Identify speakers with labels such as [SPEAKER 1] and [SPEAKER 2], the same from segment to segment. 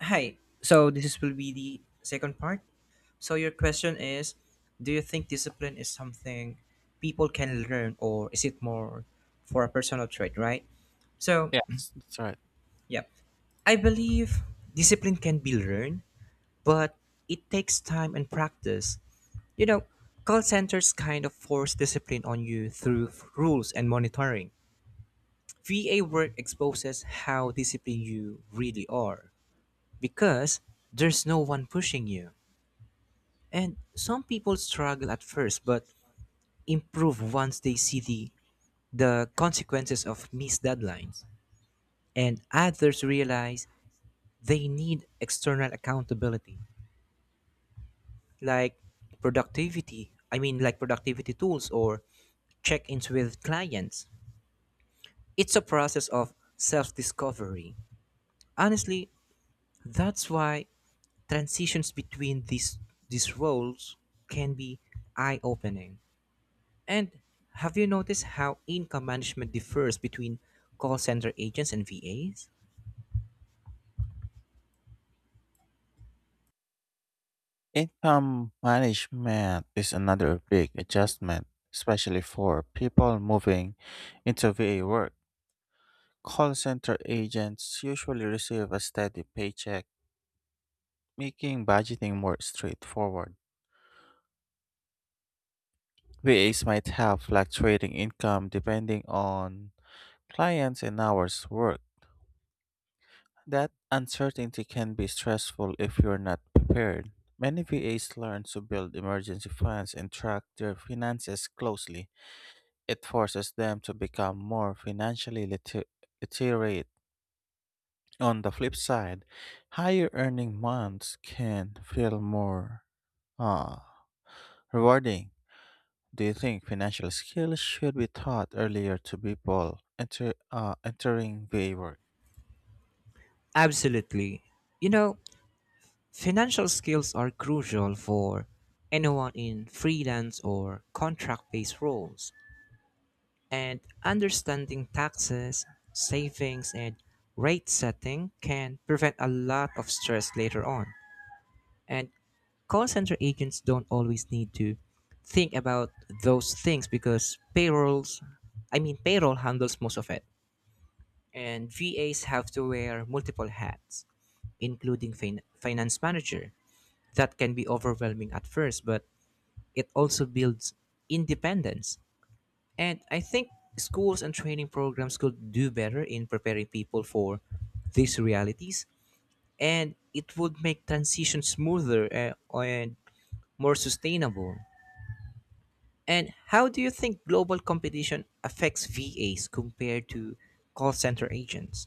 [SPEAKER 1] Hi. So will be the second part. So your question is, do you think discipline is something people can learn, or is it more for a personal trait, right? So
[SPEAKER 2] Yes, that's right.
[SPEAKER 1] yeah, I believe discipline can be learned, but it takes time and practice. You know, call centers kind of force discipline on you through rules and monitoring. VA work exposes how disciplined you really are because there's no one pushing you. And some people struggle at first but improve once they see the consequences of missed deadlines. And others realize they need external accountability, like like productivity tools or check ins with clients. It's a process of self discovery. Honestly, that's why transitions between these roles can be eye opening. And have you noticed how income management differs between call center agents and VAs?
[SPEAKER 2] Income management is another big adjustment, especially for people moving into VA work. Call center agents usually receive a steady paycheck, making budgeting more straightforward. VAs might have fluctuating income depending on clients and hours worked. That uncertainty can be stressful if you're not prepared. Many VAs learn to build emergency funds and track their finances closely. It forces them to become more financially literate. On the flip side, higher earning months can feel more uh, rewarding. Do you think financial skills should be taught earlier to people entering VA work?
[SPEAKER 1] Absolutely. You know, financial skills are crucial for anyone in freelance or contract based roles. And understanding taxes, savings, and rate setting can prevent a lot of stress later on. And call center agents don't always need to think about those things because payrolls I mean payroll handles most of it, and VAs have to wear multiple hats including finance manager. That can be overwhelming at first, but it also builds independence. And I think schools and training programs could do better in preparing people for these realities, and it would make transition smoother, and more sustainable. And how do you think global competition affects VAs compared to call center agents?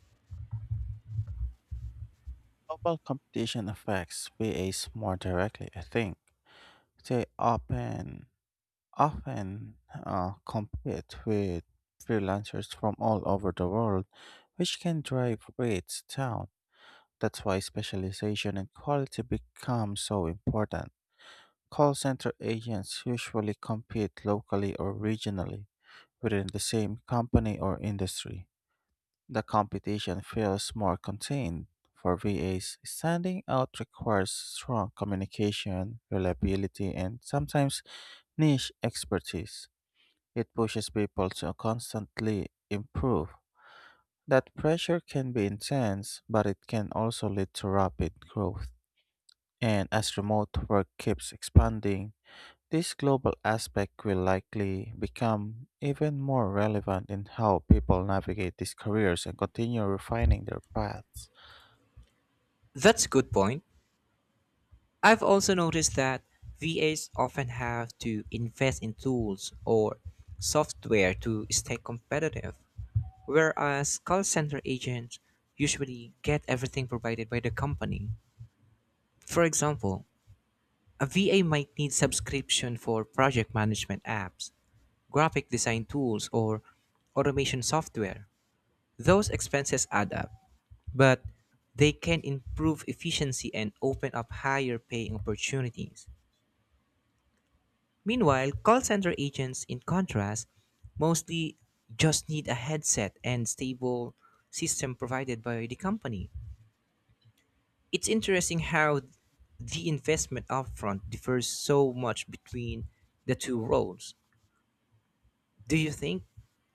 [SPEAKER 2] Global competition affects v as more directly, I think. They often compete with freelancers from all over the world, which can drive rates down. That's why specialization and quality become so important. Call center agents usually compete locally or regionally within the same company or industry. The competition feels more contained. For VAs, standing out requires strong communication, reliability, and sometimes niche expertise. It pushes people to constantly improve. That pressure can be intense, but it can also lead to rapid growth. And as remote work keeps expanding, this global aspect will likely become even more relevant in how people navigate these careers and continue refining their paths.
[SPEAKER 1] That's a good point. I've also noticed that VAs often have to invest in tools or software to stay competitive, whereas call center agents usually get everything provided by the company. For example, a VA might need subscription for project management apps, graphic design tools, or automation software. Those expenses add up, but they can improve efficiency and open up higher paying opportunities. Meanwhile, call center agents, in contrast, mostly just need a headset and stable system provided by the company. It's interesting how the investment upfront differs so much between the two roles. Do you think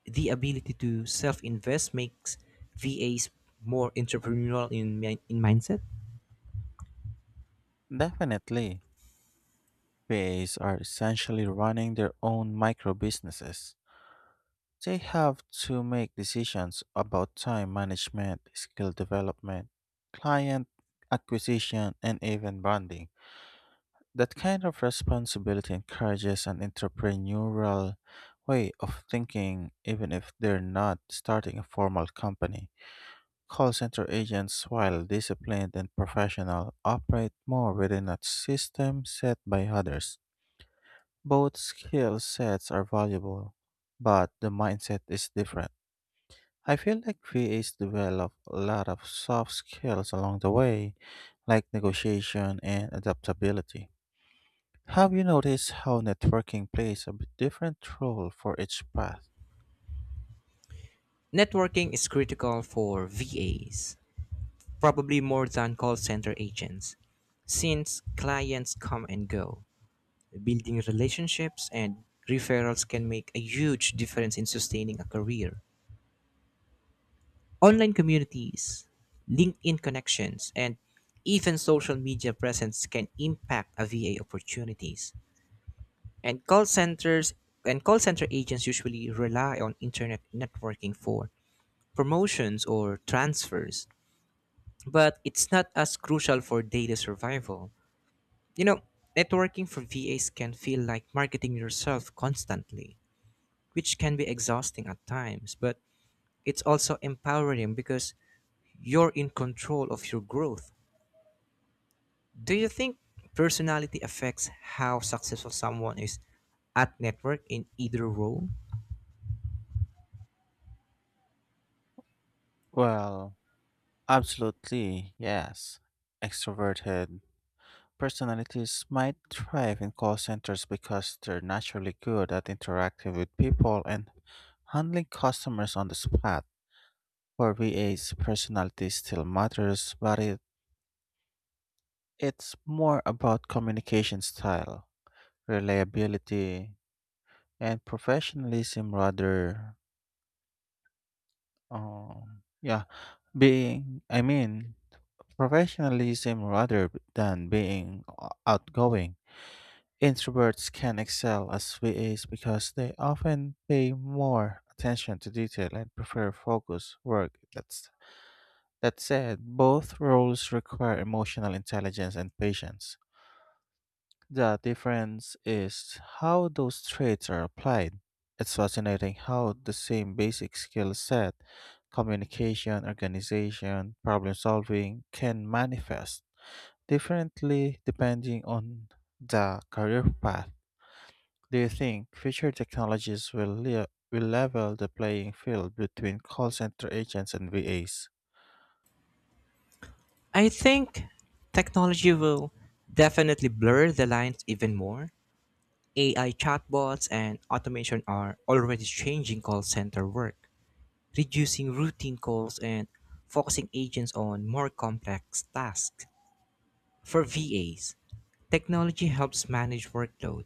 [SPEAKER 1] the ability to self invest makes VAs more entrepreneurial in mindset?
[SPEAKER 2] Definitely, PAs are essentially running their own micro businesses. They have to make decisions about time management, skill development, client acquisition, and even branding. That kind of responsibility encourages an entrepreneurial way of thinking, even if they're not starting a formal company. Call center agents, while disciplined and professional, operate more within a system set by others. Both skill sets are valuable, but the mindset is different. I feel like VAs develop a lot of soft skills along the way, like negotiation and adaptability. Have you noticed how networking plays a bit different role for each path?
[SPEAKER 1] Networking is critical for VAs, probably more than call center agents, since clients come and go. Building relationships and referrals can make a huge difference in sustaining a career. Online communities, LinkedIn connections, and even social media presence can impact a VA opportunities. And call center agents usually rely on internet networking for promotions or transfers, but it's not as crucial for daily survival. You know, networking for VAs can feel like marketing yourself constantly, which can be exhausting at times, but it's also empowering because you're in control of your growth. Do you think personality affects how successful someone is at network in either role?
[SPEAKER 2] Well, absolutely, yes. Extroverted personalities might thrive in call centers because they're naturally good at interacting with people and handling customers on the spot. For VAs, personality still matters, but it's more about communication style, reliability, and um yeah, being I mean professionalism rather than being outgoing. Introverts can excel as VAs because they often pay more attention to detail and prefer focus work. That said, both roles require emotional intelligence and patience. The difference is how those traits are applied. It's fascinating how the same basic skill set, communication, organization, problem solving, can manifest differently depending on the career path. Do you think future technologies will level the playing field between call center agents and VAs?
[SPEAKER 1] I think technology will definitely blur the lines even more. AI chatbots and automation are already changing call center work, reducing routine calls and focusing agents on more complex tasks. For VAs, technology helps manage workload,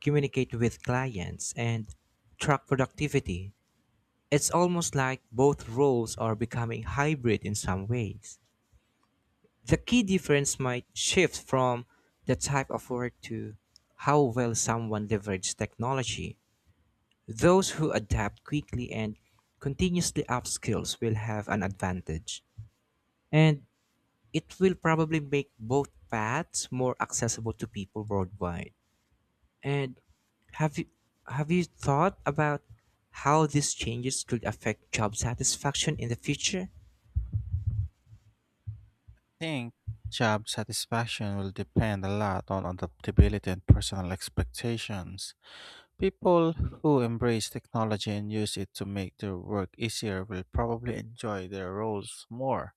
[SPEAKER 1] communicate with clients, and track productivity. It's almost like both roles are becoming hybrid in some ways. The key difference might shift from the type of work to how well someone leverages technology. Those who adapt quickly and continuously upskills will have an advantage. And it will probably make both paths more accessible to people worldwide. And have you have you thought about how these changes could affect job satisfaction in the future?
[SPEAKER 2] I think job satisfaction will depend a lot on adaptability and personal expectations. People who embrace technology and use it to make their work easier will probably enjoy their roles more.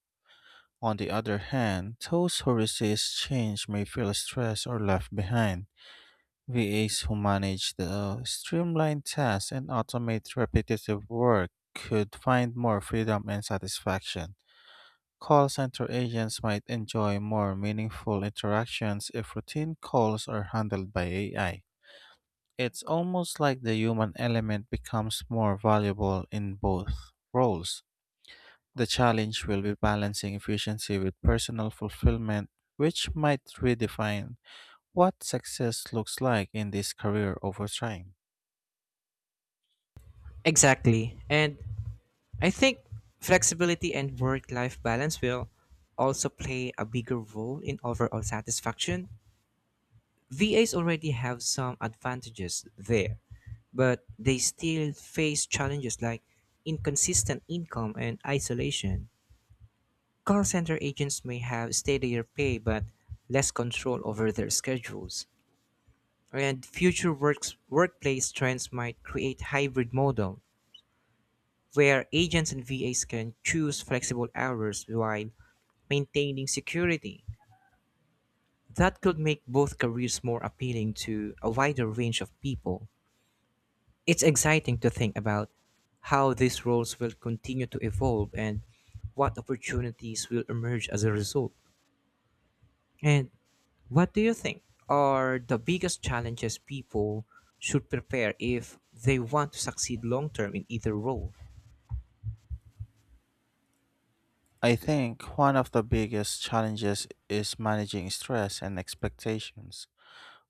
[SPEAKER 2] On the other hand, those who resist change may feel stressed or left behind. VAs who manage the streamlined tasks and automate repetitive work could find more freedom and satisfaction. Call center agents might enjoy more meaningful interactions if routine calls are handled by AI. It's almost like the human element becomes more valuable in both roles. The challenge will be balancing efficiency with personal fulfillment, which might redefine what success looks like in this career over time.
[SPEAKER 1] Exactly. And I think flexibility and work life balance will also play a bigger role in overall satisfaction. VAs already have some advantages there, but they still face challenges like inconsistent income and isolation. Call center agents may have steadier pay but less control over their schedules. And workplace trends might create hybrid model where agents and VAs can choose flexible hours while maintaining security. That could make both careers more appealing to a wider range of people. It's exciting to think about how these roles will continue to evolve and what opportunities will emerge as a result. And what do you think are the biggest challenges people should prepare if they want to succeed long term in either role?
[SPEAKER 2] I think one of the biggest challenges is managing stress and expectations.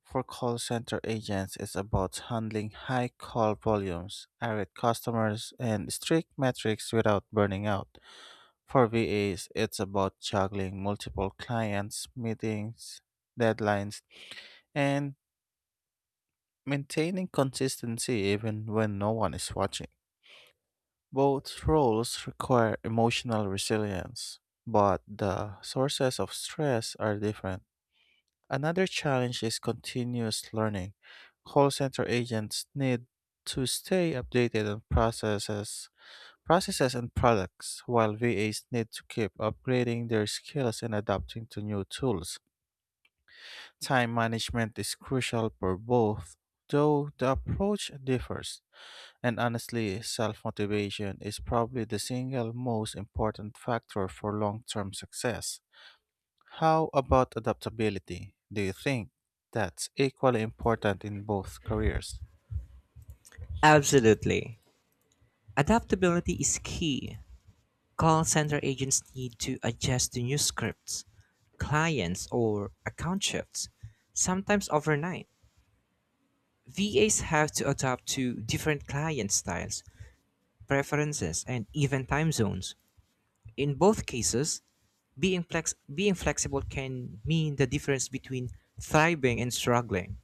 [SPEAKER 2] For call center agents, it's about handling high call volumes, irate customers, and strict metrics without burning out. For VAs, it's about juggling multiple clients, meetings, deadlines, and maintaining consistency even when no one is watching. Both roles require emotional resilience, but the sources of stress are different. Another challenge is continuous learning. Call center agents need to stay updated on processes and products, while VAs need to keep upgrading their skills and adapting to new tools. Time management is crucial for both, though the approach differs. And honestly, self motivation is probably the single most important factor for long term success. How about adaptability? Do you think that's equally important in both careers?
[SPEAKER 1] Absolutely. Adaptability is key. Call center agents need to adjust to new scripts, clients, or account shifts, sometimes overnight. VAs have to adapt to different client styles, preferences, and even time zones. In both cases, being flexible can mean the difference between thriving and struggling.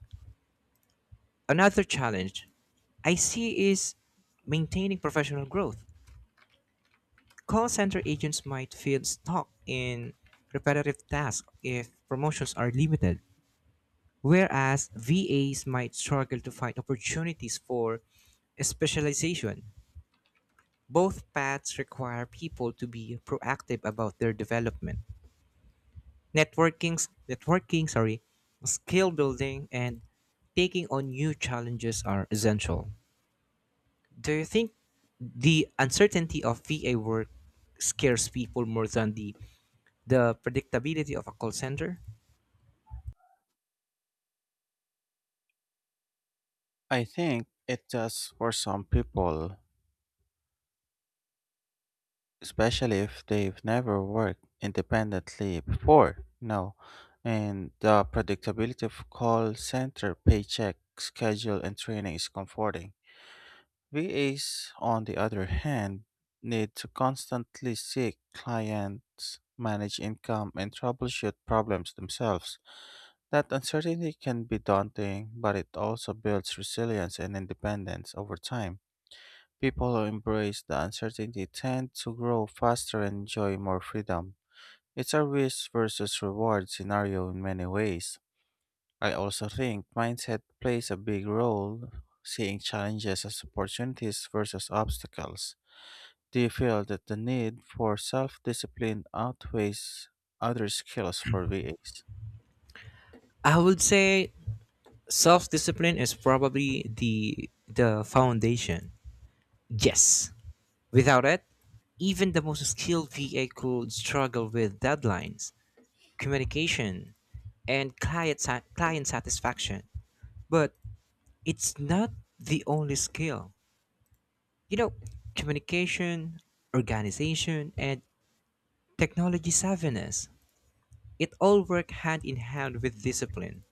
[SPEAKER 1] Another challenge I see is maintaining professional growth. Call center agents might feel stuck in repetitive tasks if promotions are limited, whereas VAs might struggle to find opportunities for specialization. Both paths require people to be proactive about their development. Networking, networking, skill building and taking on new challenges are essential. Do you think the uncertainty of VA work scares people more than the predictability of a call center?
[SPEAKER 2] I think it does for some people, especially if they've never worked independently before. No, and the predictability of call center paycheck schedule and training is comforting. VAs, on the other hand, need to constantly seek clients, manage income, and troubleshoot problems themselves. That uncertainty can be daunting, but it also builds resilience and independence over time. People who embrace the uncertainty tend to grow faster and enjoy more freedom. It's a risk versus reward scenario in many ways. I also think mindset plays a big role, seeing challenges as opportunities versus obstacles. Do you feel that the need for self discipline outweighs other skills for VAs?
[SPEAKER 1] I would say self-discipline is probably the foundation. Yes. Without it, even the most skilled VA could struggle with deadlines, communication, and client satisfaction. But it's not the only skill. You know, communication, organization, and technology savviness, it all work hand in hand with discipline.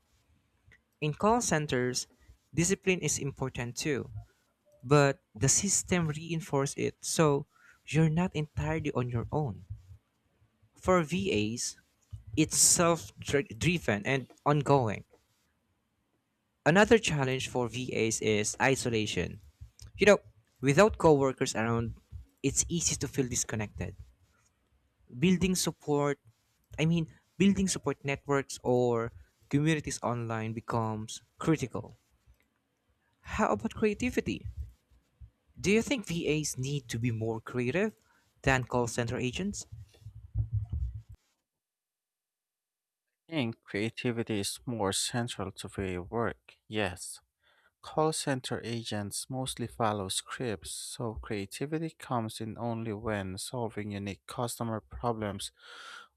[SPEAKER 1] In call centers, discipline is important too, but the system reinforces it so you're not entirely on your own. For VAs, it's self driven and ongoing. Another challenge for VAs is isolation. You know, without coworkers around, it's easy to feel disconnected. Building support, I mean, Building support networks or communities online becomes critical. How about creativity? Do you think VAs need to be more creative than call center agents?
[SPEAKER 2] I think creativity is more central to VA work, yes. Call center agents mostly follow scripts, so creativity comes in only when solving unique customer problems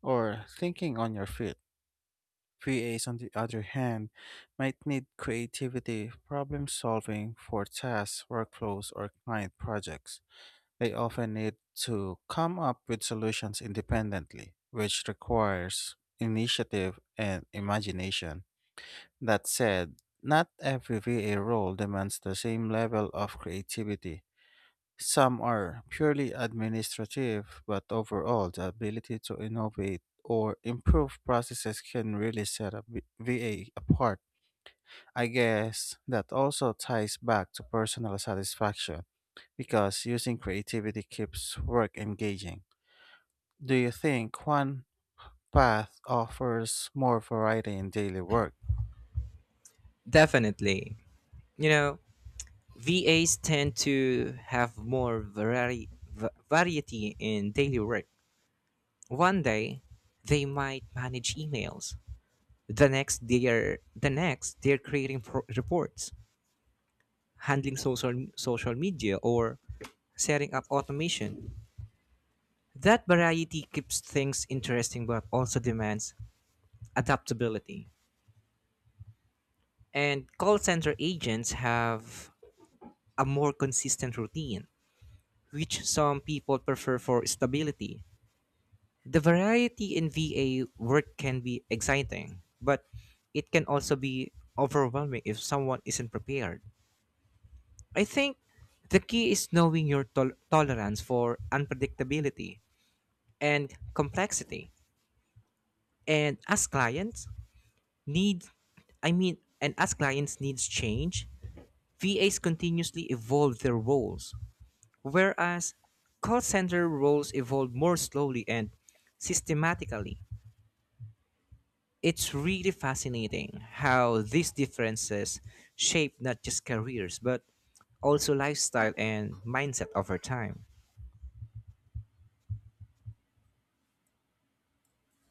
[SPEAKER 2] or thinking on your feet. VAs, on the other hand, might need creativity, problem solving for tasks, workflows, or client projects. They often need to come up with solutions independently, which requires initiative and imagination. That said, not every VA role demands the same level of creativity. Some are purely administrative, but overall, the ability to innovate or improve processes can really set a VA apart. I guess that also ties back to personal satisfaction because using creativity keeps work engaging. Do you think one path offers more variety in daily work?
[SPEAKER 1] Definitely. You know, VAs tend to have more variety in daily work. One day, they might manage emails. The next, they're creating reports, handling social media, or setting up automation. That variety keeps things interesting, but also demands adaptability. And call center agents have a more consistent routine, which some people prefer for stability. The variety in VA work can be exciting, but it can also be overwhelming if someone isn't prepared. I think the key is knowing your tolerance for unpredictability and complexity. And need, as clients needs change, VAs continuously evolve their roles, whereas call center roles evolve more slowly and systematically. It's really fascinating how these differences shape not just careers, but also lifestyle and mindset over time.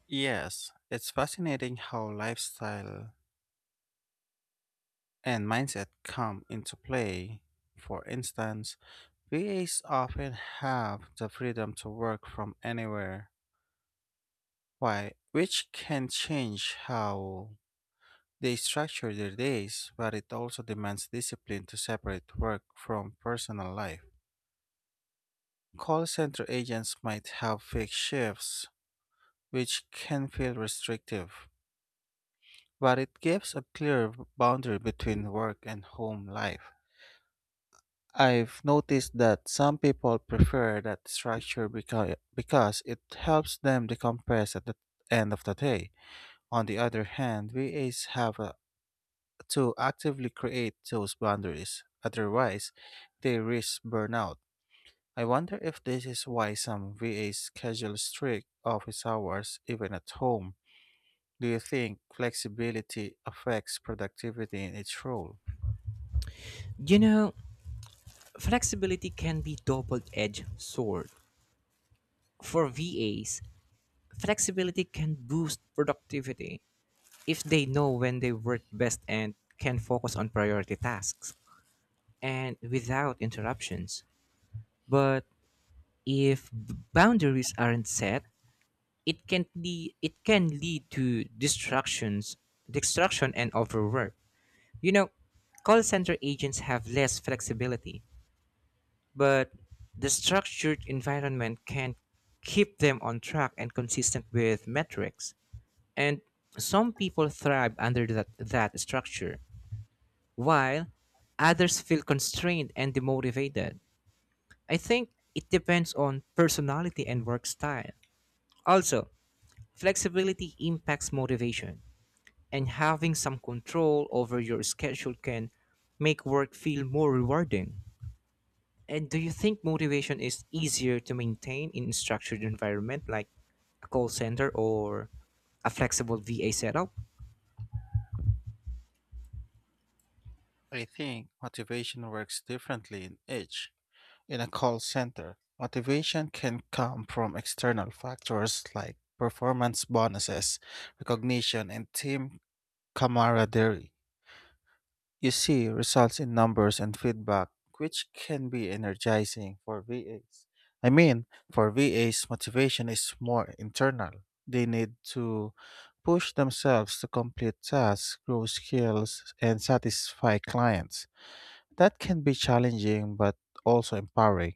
[SPEAKER 2] Yes, it's fascinating how lifestyle and mindset come into play. For instance, VAs often have the freedom to work from anywhere, which can change how they structure their days, but it also demands discipline to separate work from personal life. Call center agents might have fixed shifts, which can feel restrictive, but it gives a clear boundary between work and home life. I've noticed that some people prefer that structure because it helps them decompress at the end of the day. On the other hand, VAs have to actively create those boundaries, otherwise, they risk burnout. I wonder if this is why some VAs schedule strict office hours even at home. Do you think flexibility affects productivity in each role?
[SPEAKER 1] You know, flexibility can be double-edged sword. For VAs, flexibility can boost productivity if they know when they work best and can focus on priority tasks and without interruptions. But if boundaries aren't set, it can lead to distraction and overwork. You know, call center agents have less flexibility, but the structured environment can keep them on track and consistent with metrics. And some people thrive under that structure, while others feel constrained and demotivated. I think it depends on personality and work style. Also, flexibility impacts motivation, and having some control over your schedule can make work feel more rewarding. And do you think motivation is easier to maintain in a structured environment like a call center or a flexible VA setup?
[SPEAKER 2] I think motivation works differently in each. In a call center, motivation can come from external factors like performance bonuses, recognition, and team camaraderie. You see results in numbers and feedback, which can be energizing for VAs. I mean, for VAs, motivation is more internal. They need to push themselves to complete tasks, grow skills, and satisfy clients. That can be challenging but also empowering.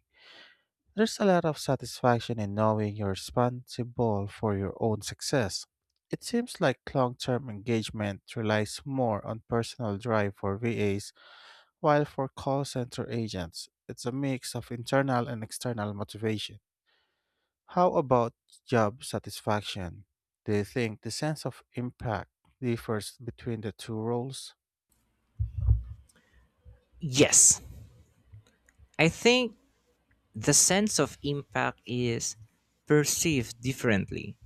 [SPEAKER 2] There's a lot of satisfaction in knowing you're responsible for your own success. It seems like long term engagement relies more on personal drive for VAs, while for call center agents, it's a mix of internal and external motivation. How about job satisfaction? Do you think the sense of impact differs between the two roles?
[SPEAKER 1] Yes. I think the sense of impact is perceived differently.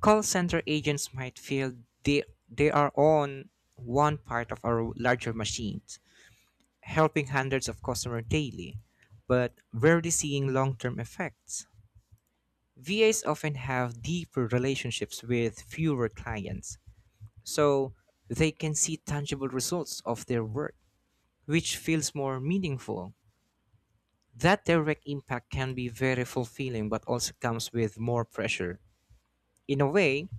[SPEAKER 1] Call center agents might feel they, they are on one part of our larger machines, helping hundreds of customers daily, but rarely seeing long term effects. VAs often have deeper relationships with fewer clients, so they can see tangible results of their work, which feels more meaningful. That direct impact can be very fulfilling but also comes with more pressure. In a way,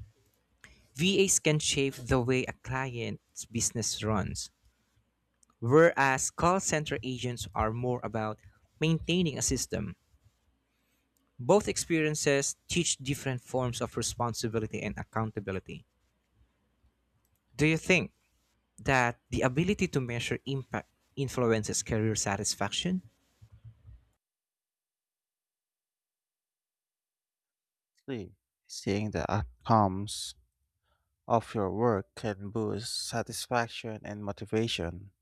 [SPEAKER 1] VAs can shape the way a client's business runs, whereas call center agents are more about maintaining a system. Both experiences teach different forms of responsibility and accountability. Do you think that the ability to measure impact influences career satisfaction?
[SPEAKER 2] Three. Seeing the outcomes of your work can boost satisfaction and motivation.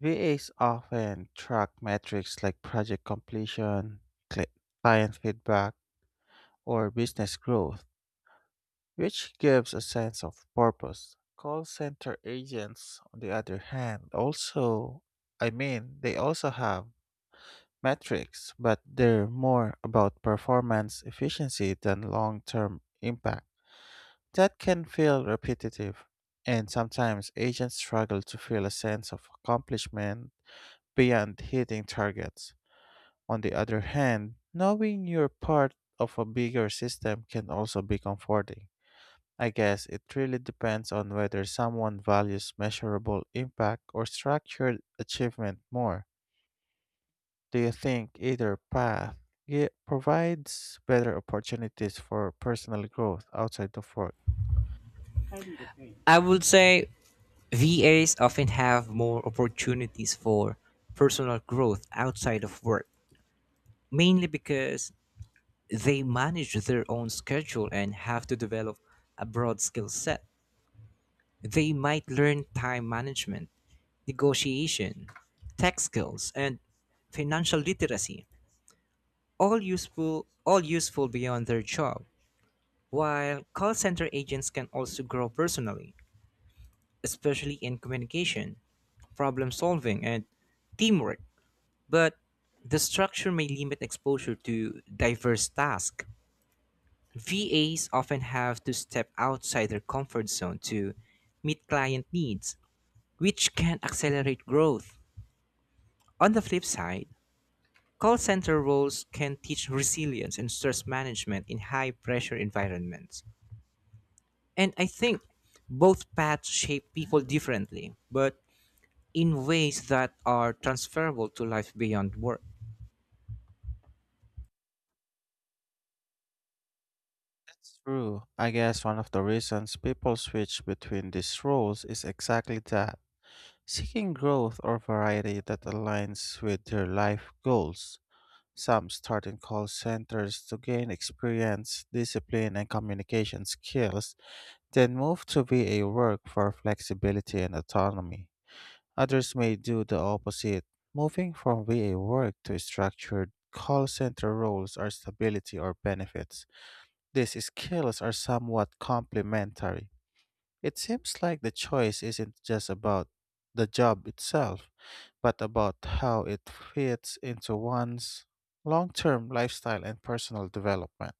[SPEAKER 2] VAs often track metrics like project completion, cli- client feedback, or business growth, which gives a sense of purpose. Call center agents, on the other hand, also, I mean, they also have metrics, but they're more about performance efficiency than long term impact. That can feel repetitive, and sometimes agents struggle to feel a sense of accomplishment beyond hitting targets. On the other hand, knowing you're part of a bigger system can also be comforting. I guess it really depends on whether someone values measurable impact or structured achievement more. Do you think either path provides better opportunities for personal growth outside of work?
[SPEAKER 1] I would say VAs often have more opportunities for personal growth outside of work, mainly because they manage their own schedule and have to develop a broad skill set. They might learn time management, negotiation, tech skills, and financial literacy, all useful beyond their job. While call center agents can also grow personally, especially in communication, problem solving, and teamwork, but the structure may limit exposure to diverse tasks. VAs often have to step outside their comfort zone to meet client needs, which can accelerate growth. On the flip side, call center roles can teach resilience and stress management in high pressure environments. And I think both paths shape people differently, but in ways that are transferable to life beyond work.
[SPEAKER 2] That's true. I guess one of the reasons people switch between these roles is exactly that seeking growth or variety that aligns with their life goals. Some start in call centers to gain experience, discipline, and communication skills, then move to VA work for flexibility and autonomy. Others may do the opposite, moving from VA work to structured call center roles or stability or benefits. These skills are somewhat complementary. It seems like the choice isn't just about the job itself, but about how it fits into one's long term lifestyle and personal development.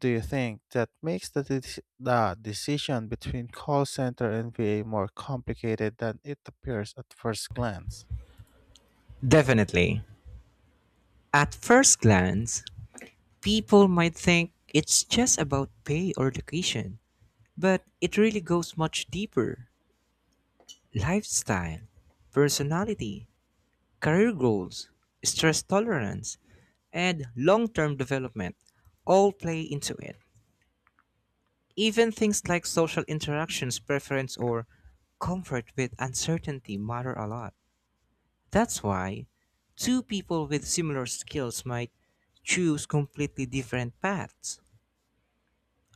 [SPEAKER 2] Do you think that makes the decision between call center and VA more complicated than it appears at first glance?
[SPEAKER 1] Definitely. At first glance, people might think it's just about pay or location, but it really goes much deeper. Lifestyle, personality, career goals, stress tolerance, and long term development all play into it. Even things like social interactions, preference, or comfort with uncertainty matter a lot. That's why two people with similar skills might choose completely different paths.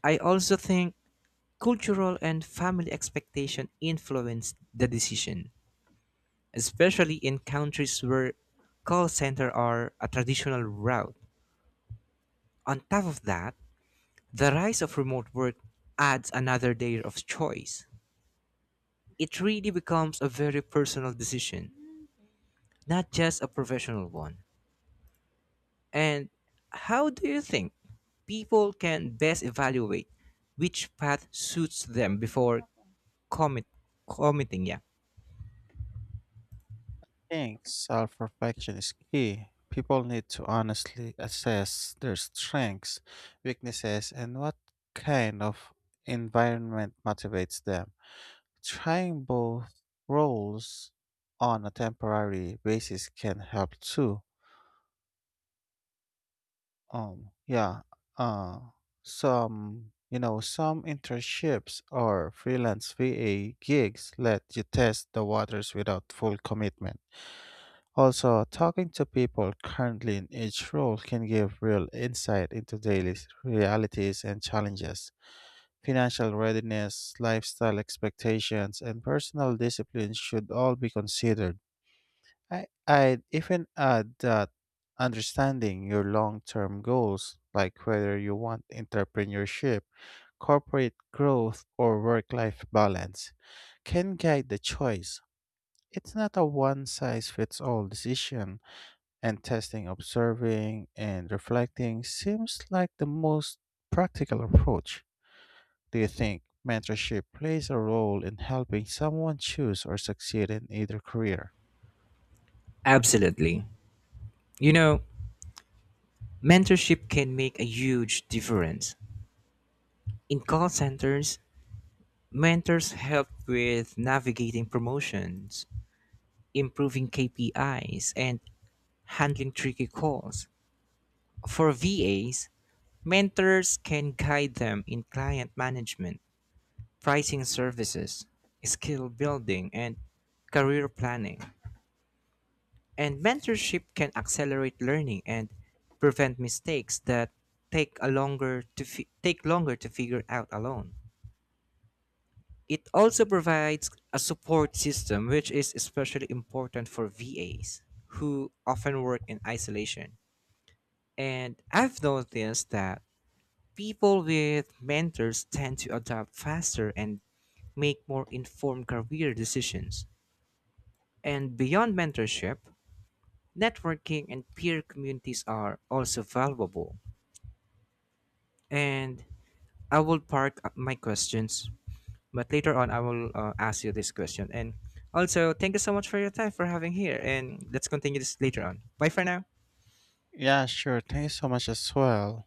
[SPEAKER 1] I also think cultural and family expectation influence the decision, especially in countries where call centers are a traditional route. On top of that, the rise of remote work adds another layer of choice. It really becomes a very personal decision, not just a professional one. And how do you think people can best evaluate which path suits them before commit committing? Yeah,
[SPEAKER 2] Think self reflection is key. People need to honestly assess their strengths, weaknesses, and what kind of environment motivates them. Trying both roles on a temporary basis can help too. Yeah, uh, some internships or freelance VA gigs let you test the waters without full commitment. Also, talking to people currently in each role can give real insight into daily realities and challenges. Financial readiness, lifestyle expectations, and personal discipline should all be considered. I'd even add that understanding your long term goals, like whether you want entrepreneurship, corporate growth, or work life balance, can guide the choice. It's not a one size fits all decision and testing, observing, and reflecting seems like the most practical approach. Do you think mentorship plays a role in helping someone choose or succeed in either career?
[SPEAKER 1] absolutely. You know, mentorship can make a huge difference. In call centers, mentors help with navigating promotions, improving KPIs, and handling tricky calls. For VAs, mentors can guide them in client management, pricing services, skill building, and career planning. And mentorship can accelerate learning and prevent mistakes that take longer to figure out alone. It also provides a support system which is especially important for VAs who often work in isolation. And I've noticed that people with mentors tend to adapt faster and make more informed career decisions. And beyond mentorship, networking and peer communities are also valuable. And I will park my questions, but later on I will ask you this question. And also, thank you so much for your time for having here. And let's continue this later on. Bye for now.
[SPEAKER 2] Yeah, sure. Thanks so much as well.